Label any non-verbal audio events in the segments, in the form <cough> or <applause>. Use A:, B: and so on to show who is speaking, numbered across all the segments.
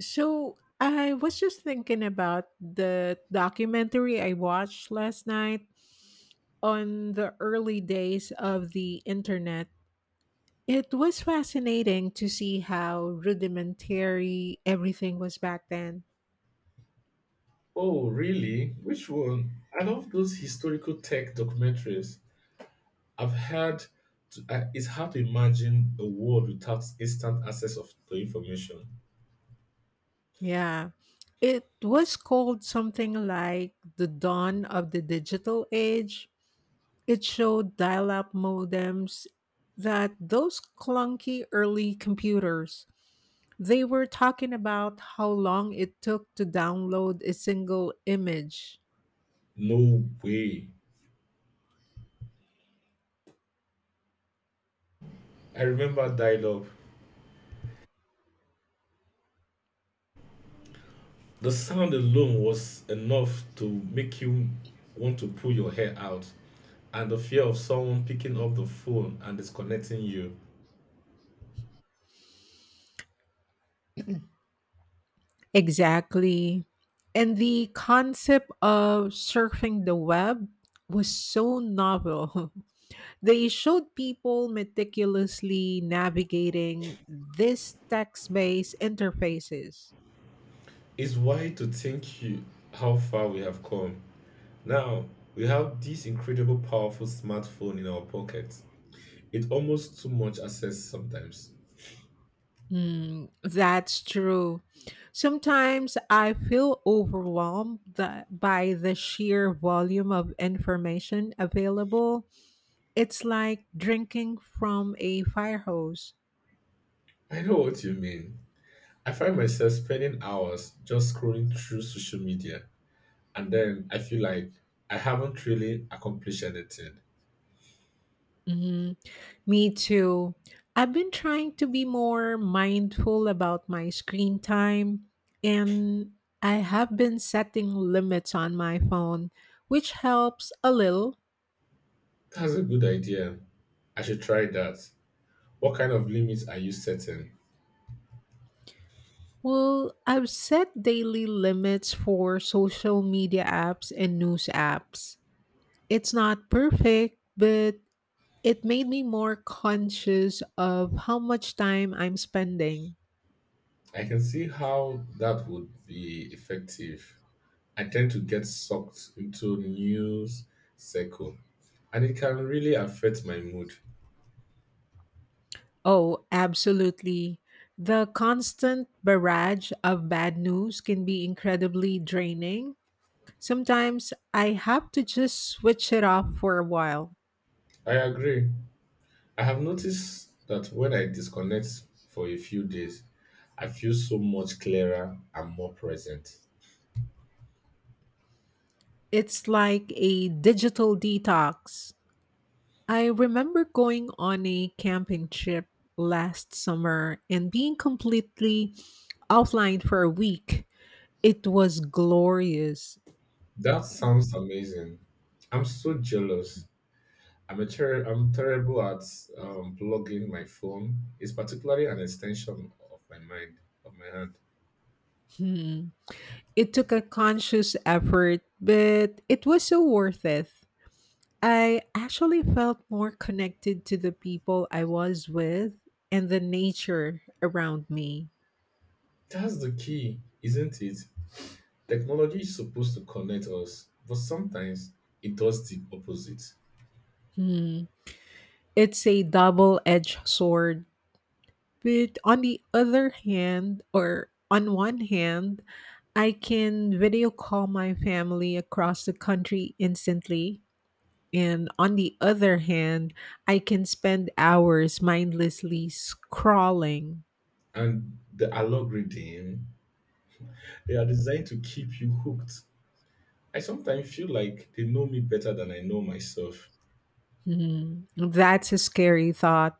A: So I was just thinking about the documentary I watched last night on the early days of the internet. It was fascinating to see how rudimentary everything was back then.
B: Oh, really? Which one? I love those historical tech documentaries. I've had to, I, it's hard to imagine a world without instant access of the information.
A: Yeah. It was called something like the dawn of the digital age. It showed dial up modems that those clunky early computers. They were talking about how long it took to download a single image.
B: No way. I remember dial-up. The sound alone was enough to make you want to pull your hair out, and the fear of someone picking up the phone and disconnecting you
A: Exactly. And the concept of surfing the web was so novel. <laughs> They showed people meticulously navigating these text based interfaces.
B: is why to think you how far we have come. Now, we have this incredible powerful smartphone in our pockets. It's almost too much access sometimes.
A: That's true. Sometimes I feel overwhelmed that by the sheer volume of information available. It's like drinking from a fire hose.
B: I know what you mean. I find myself spending hours just scrolling through social media, and then I feel like I haven't really accomplished anything.
A: hmm Me too. I've been trying to be more mindful about my screen time, and I have been setting limits on my phone, which helps a little.
B: That's a good idea. I should try that. What kind of limits are you setting?
A: Well, I've set daily limits for social media apps and news apps. It's not perfect, but it made me more conscious of how much time I'm spending.
B: I can see how that would be effective. I tend to get sucked into news cycle and it can really affect my mood.
A: Oh, absolutely. The constant barrage of bad news can be incredibly draining. Sometimes I have to just switch it off for a while.
B: I agree. I have noticed that when I disconnect for a few days, I feel so much clearer and more present.
A: It's like a digital detox. I remember going on a camping trip last summer and being completely offline for a week. It was glorious.
B: That sounds amazing. I'm so jealous. I'm terrible at plugging my phone. It's particularly an extension of my mind, of my hand.
A: Hmm. It took a conscious effort, but it was so worth it. I actually felt more connected to the people I was with and the nature around me.
B: That's the key, isn't it? Technology is supposed to connect us, but sometimes it does the opposite.
A: Hmm. It's a double edged sword. But on the other hand, or on one hand, I can video call my family across the country instantly. And on the other hand, I can spend hours mindlessly scrolling.
B: And the algorithm, they are designed to keep you hooked. I sometimes feel like they know me better than I know myself.
A: Hmm. That's a scary thought.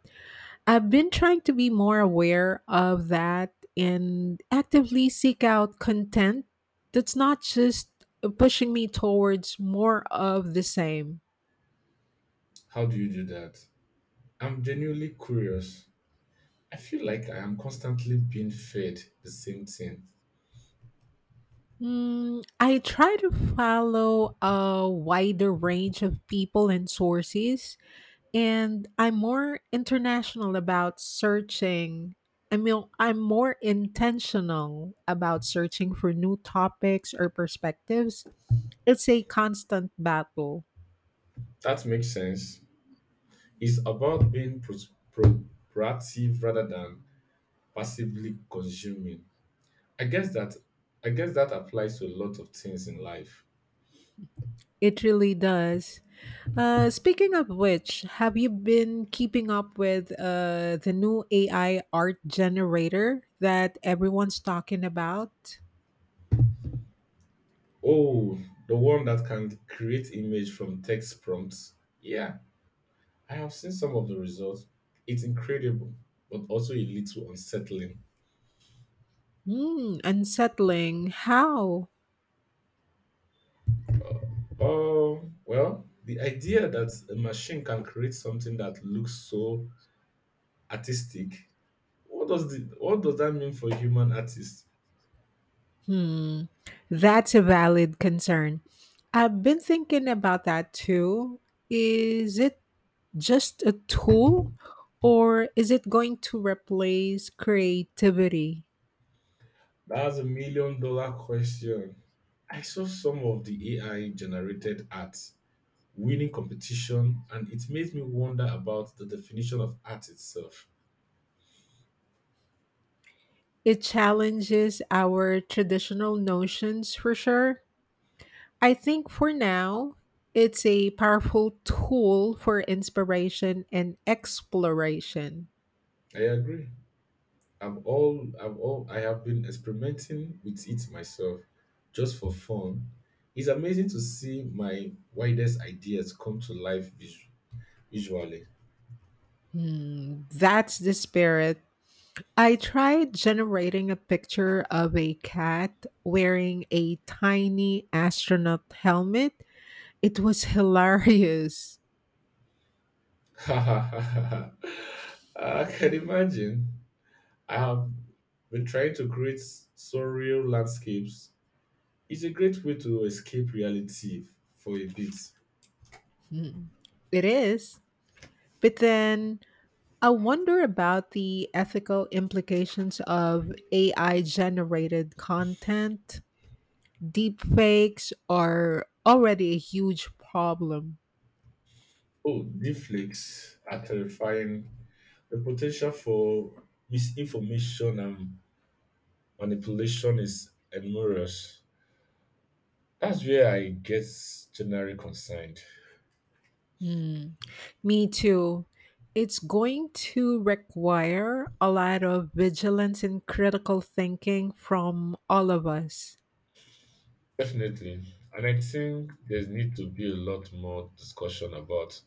A: I've been trying to be more aware of that and actively seek out content that's not just pushing me towards more of the same.
B: How do you do that? I'm genuinely curious. I feel like I am constantly being fed the same thing.
A: I try to follow a wider range of people and sources, and I'm more international about searching. I mean, I'm more intentional about searching for new topics or perspectives. It's a constant battle.
B: That makes sense. It's about being pro- proactive rather than passively consuming. I guess that I guess that applies to a lot of things in life.
A: It really does. Speaking of which, have you been keeping up with the new AI art generator that everyone's talking about?
B: Oh, the one that can create image from text prompts. Yeah, I have seen some of the results. It's incredible, but also a little unsettling.
A: Unsettling. How?
B: Oh, well, the idea that a machine can create something that looks so artistic. What does that mean for human artists?
A: Hmm. That's a valid concern. I've been thinking about that too. Is it just a tool or is it going to replace creativity?
B: That's a million dollar question. I saw some of the AI generated art winning competition and it made me wonder about the definition of art itself.
A: It challenges our traditional notions for sure. I think for now, it's a powerful tool for inspiration and exploration.
B: I agree. I have been experimenting with it myself just for fun. It's amazing to see my wildest ideas come to life visually.
A: That's the spirit. I tried generating a picture of a cat wearing a tiny astronaut helmet. It was <laughs> hilarious.
B: <laughs> I can imagine. I have been trying to create surreal landscapes. It's a great way to escape reality for a bit.
A: Hmm, It is. But then I wonder about the ethical implications of AI generated content. Deep fakes are already a huge problem.
B: Oh, deepfakes are terrifying. The potential for misinformation and manipulation is enormous. That's where I get generally concerned.
A: Mm, Me too. It's going to require a lot of vigilance and critical thinking from all of us.
B: Definitely. And I think there's need to be a lot more discussion about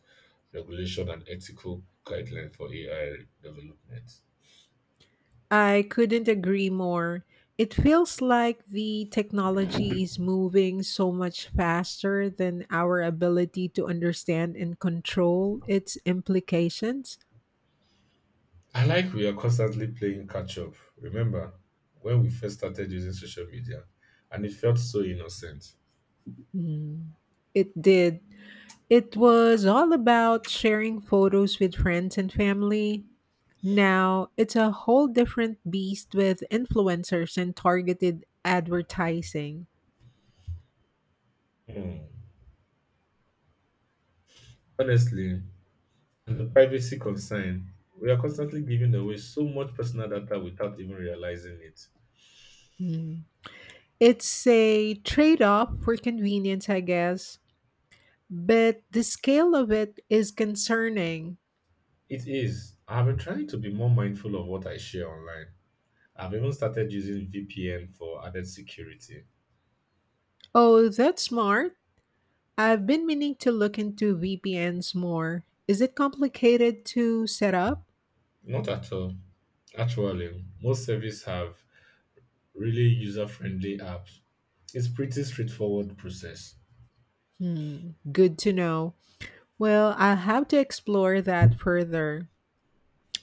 B: regulation and ethical guidelines for AI development.
A: I couldn't agree more. It feels like the technology is moving so much faster than our ability to understand and control its implications.
B: I like we are constantly playing catch up. Remember when we first started using social media and it felt so innocent.
A: Mm. It did. It was all about sharing photos with friends and family. Now it's a whole different beast with influencers and targeted advertising.
B: Hmm. Honestly, and the privacy concern, we are constantly giving away so much personal data without even realizing it.
A: Hmm. It's a trade off for convenience, I guess. But the scale of it is concerning.
B: It is. I've been trying to be more mindful of what I share online. I've even started using VPN for added security.
A: Oh, that's smart. I've been meaning to look into VPNs more. Is it complicated to set up?
B: Not at all. Actually, most services have really user-friendly apps. It's pretty straightforward process.
A: Good to know. Well, I'll have to explore that further.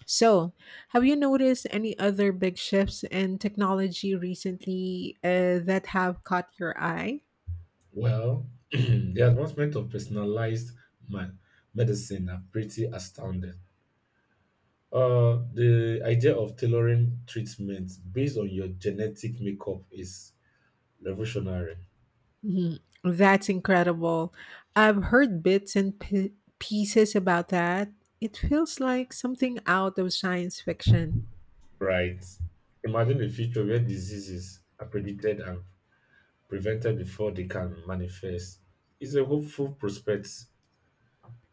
A: So, have you noticed any other big shifts in technology recently that have caught your eye?
B: Well, <clears throat> the advancement of personalized ma- medicine are pretty astounding. The idea of tailoring treatments based on your genetic makeup is revolutionary.
A: Mhm. That's incredible. I've heard bits and pieces about that. It feels like something out of science fiction.
B: Right. Imagine a future where diseases are predicted and prevented before they can manifest. It's a hopeful prospect.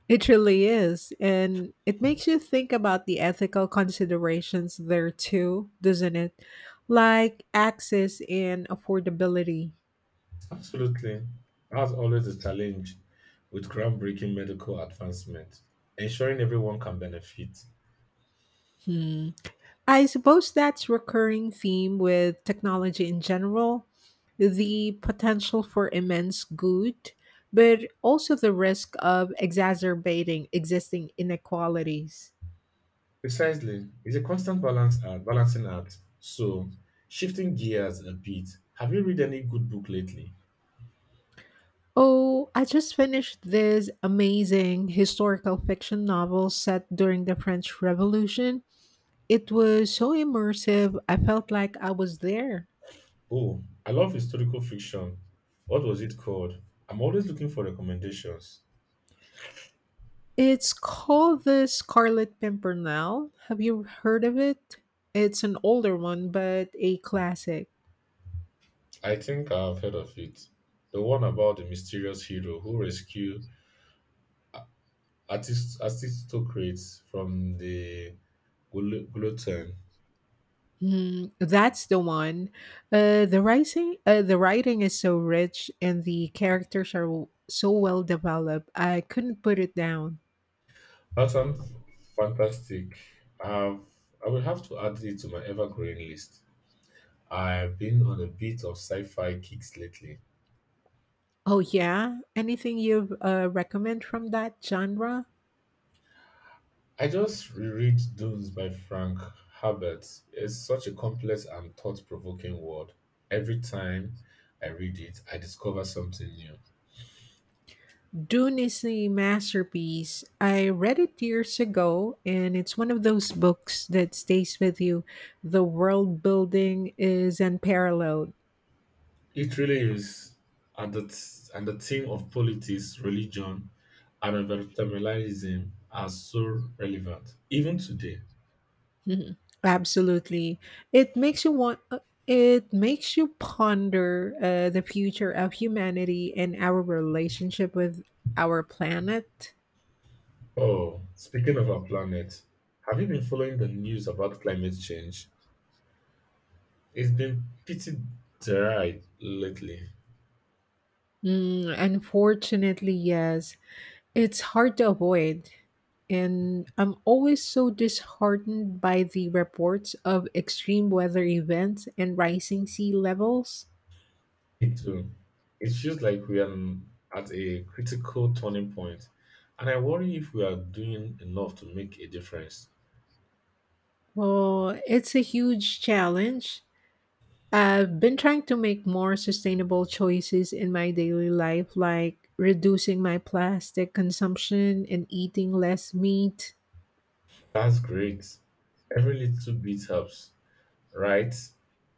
A: It really is. And it makes you think about the ethical considerations there too, doesn't it? Like access and affordability.
B: Absolutely. As always, the challenge with groundbreaking medical advancement, ensuring everyone can benefit.
A: Hmm. I suppose that's recurring theme with technology in general, the potential for immense good, but also the risk of exacerbating existing inequalities.
B: Precisely. It's a balancing act. So, shifting gears a bit, have you read any good book lately?
A: Oh, I just finished this amazing historical fiction novel set during the French Revolution. It was so immersive, I felt like I was there.
B: Oh, I love historical fiction. What was it called? I'm always looking for recommendations.
A: It's called The Scarlet Pimpernel. Have you heard of it? It's an older one, but a classic.
B: I think I've heard of it. The one about the mysterious hero who rescued artist aristocrats from the gluten.
A: That's the one. The writing is so rich, and the characters are so well developed. I couldn't put it down.
B: That sounds fantastic. I've, I will have to add it to my ever-growing list. I've been on a bit of sci-fi kicks lately.
A: Oh yeah, anything you recommend from that genre?
B: I just reread Dunes by Frank Herbert. It's such a complex and thought-provoking world. Every time I read it, I discover something new.
A: Dune is a masterpiece. I read it years ago, and it's one of those books that stays with you. The world building is unparalleled. <laughs>
B: It really is. And the theme of politics, religion, and environmentalism are so relevant, even today.
A: Mhm. Absolutely. It makes you want uh, it makes you ponder the future of humanity and our relationship with our planet.
B: Oh, speaking of our planet, have you been following the news about climate change? It's been pretty dry lately.
A: Unfortunately, yes. It's hard to avoid. And I'm always so disheartened by the reports of extreme weather events and rising sea levels.
B: Me too. It feels like we are at a critical turning point, and I worry if we are doing enough to make a difference.
A: Well, it's a huge challenge. I've been trying to make more sustainable choices in my daily life, like reducing my plastic consumption and eating less meat.
B: That's great. Every little bit helps. Right?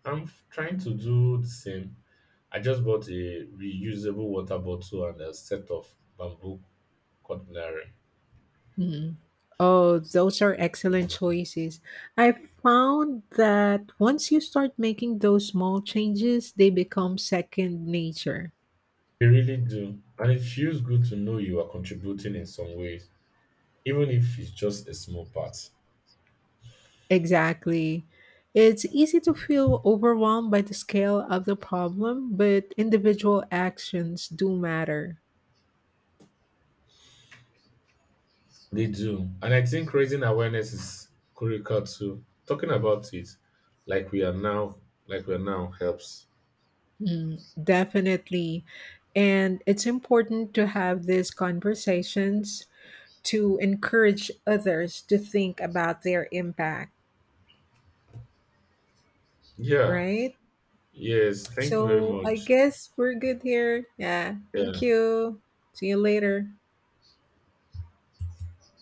B: Trying to do the same. I just bought a reusable water bottle and a set of bamboo cutlery.
A: Mhm. Oh, those are excellent choices. I found that once you start making those small changes, they become second nature.
B: They really do. And it feels good to know you are contributing in some ways, even if it's just a small part.
A: Exactly. It's easy to feel overwhelmed by the scale of the problem, but individual actions do matter.
B: They do. And I think raising awareness is critical too. Talking about it like we are now like we are now helps.
A: Definitely. And it's important to have these conversations to encourage others to think about their impact,
B: Yeah.
A: right?
B: Yes. Thank you very
A: So I
B: much.
A: guess we're good here. Yeah. Thank
B: Yeah.
A: you. See you later.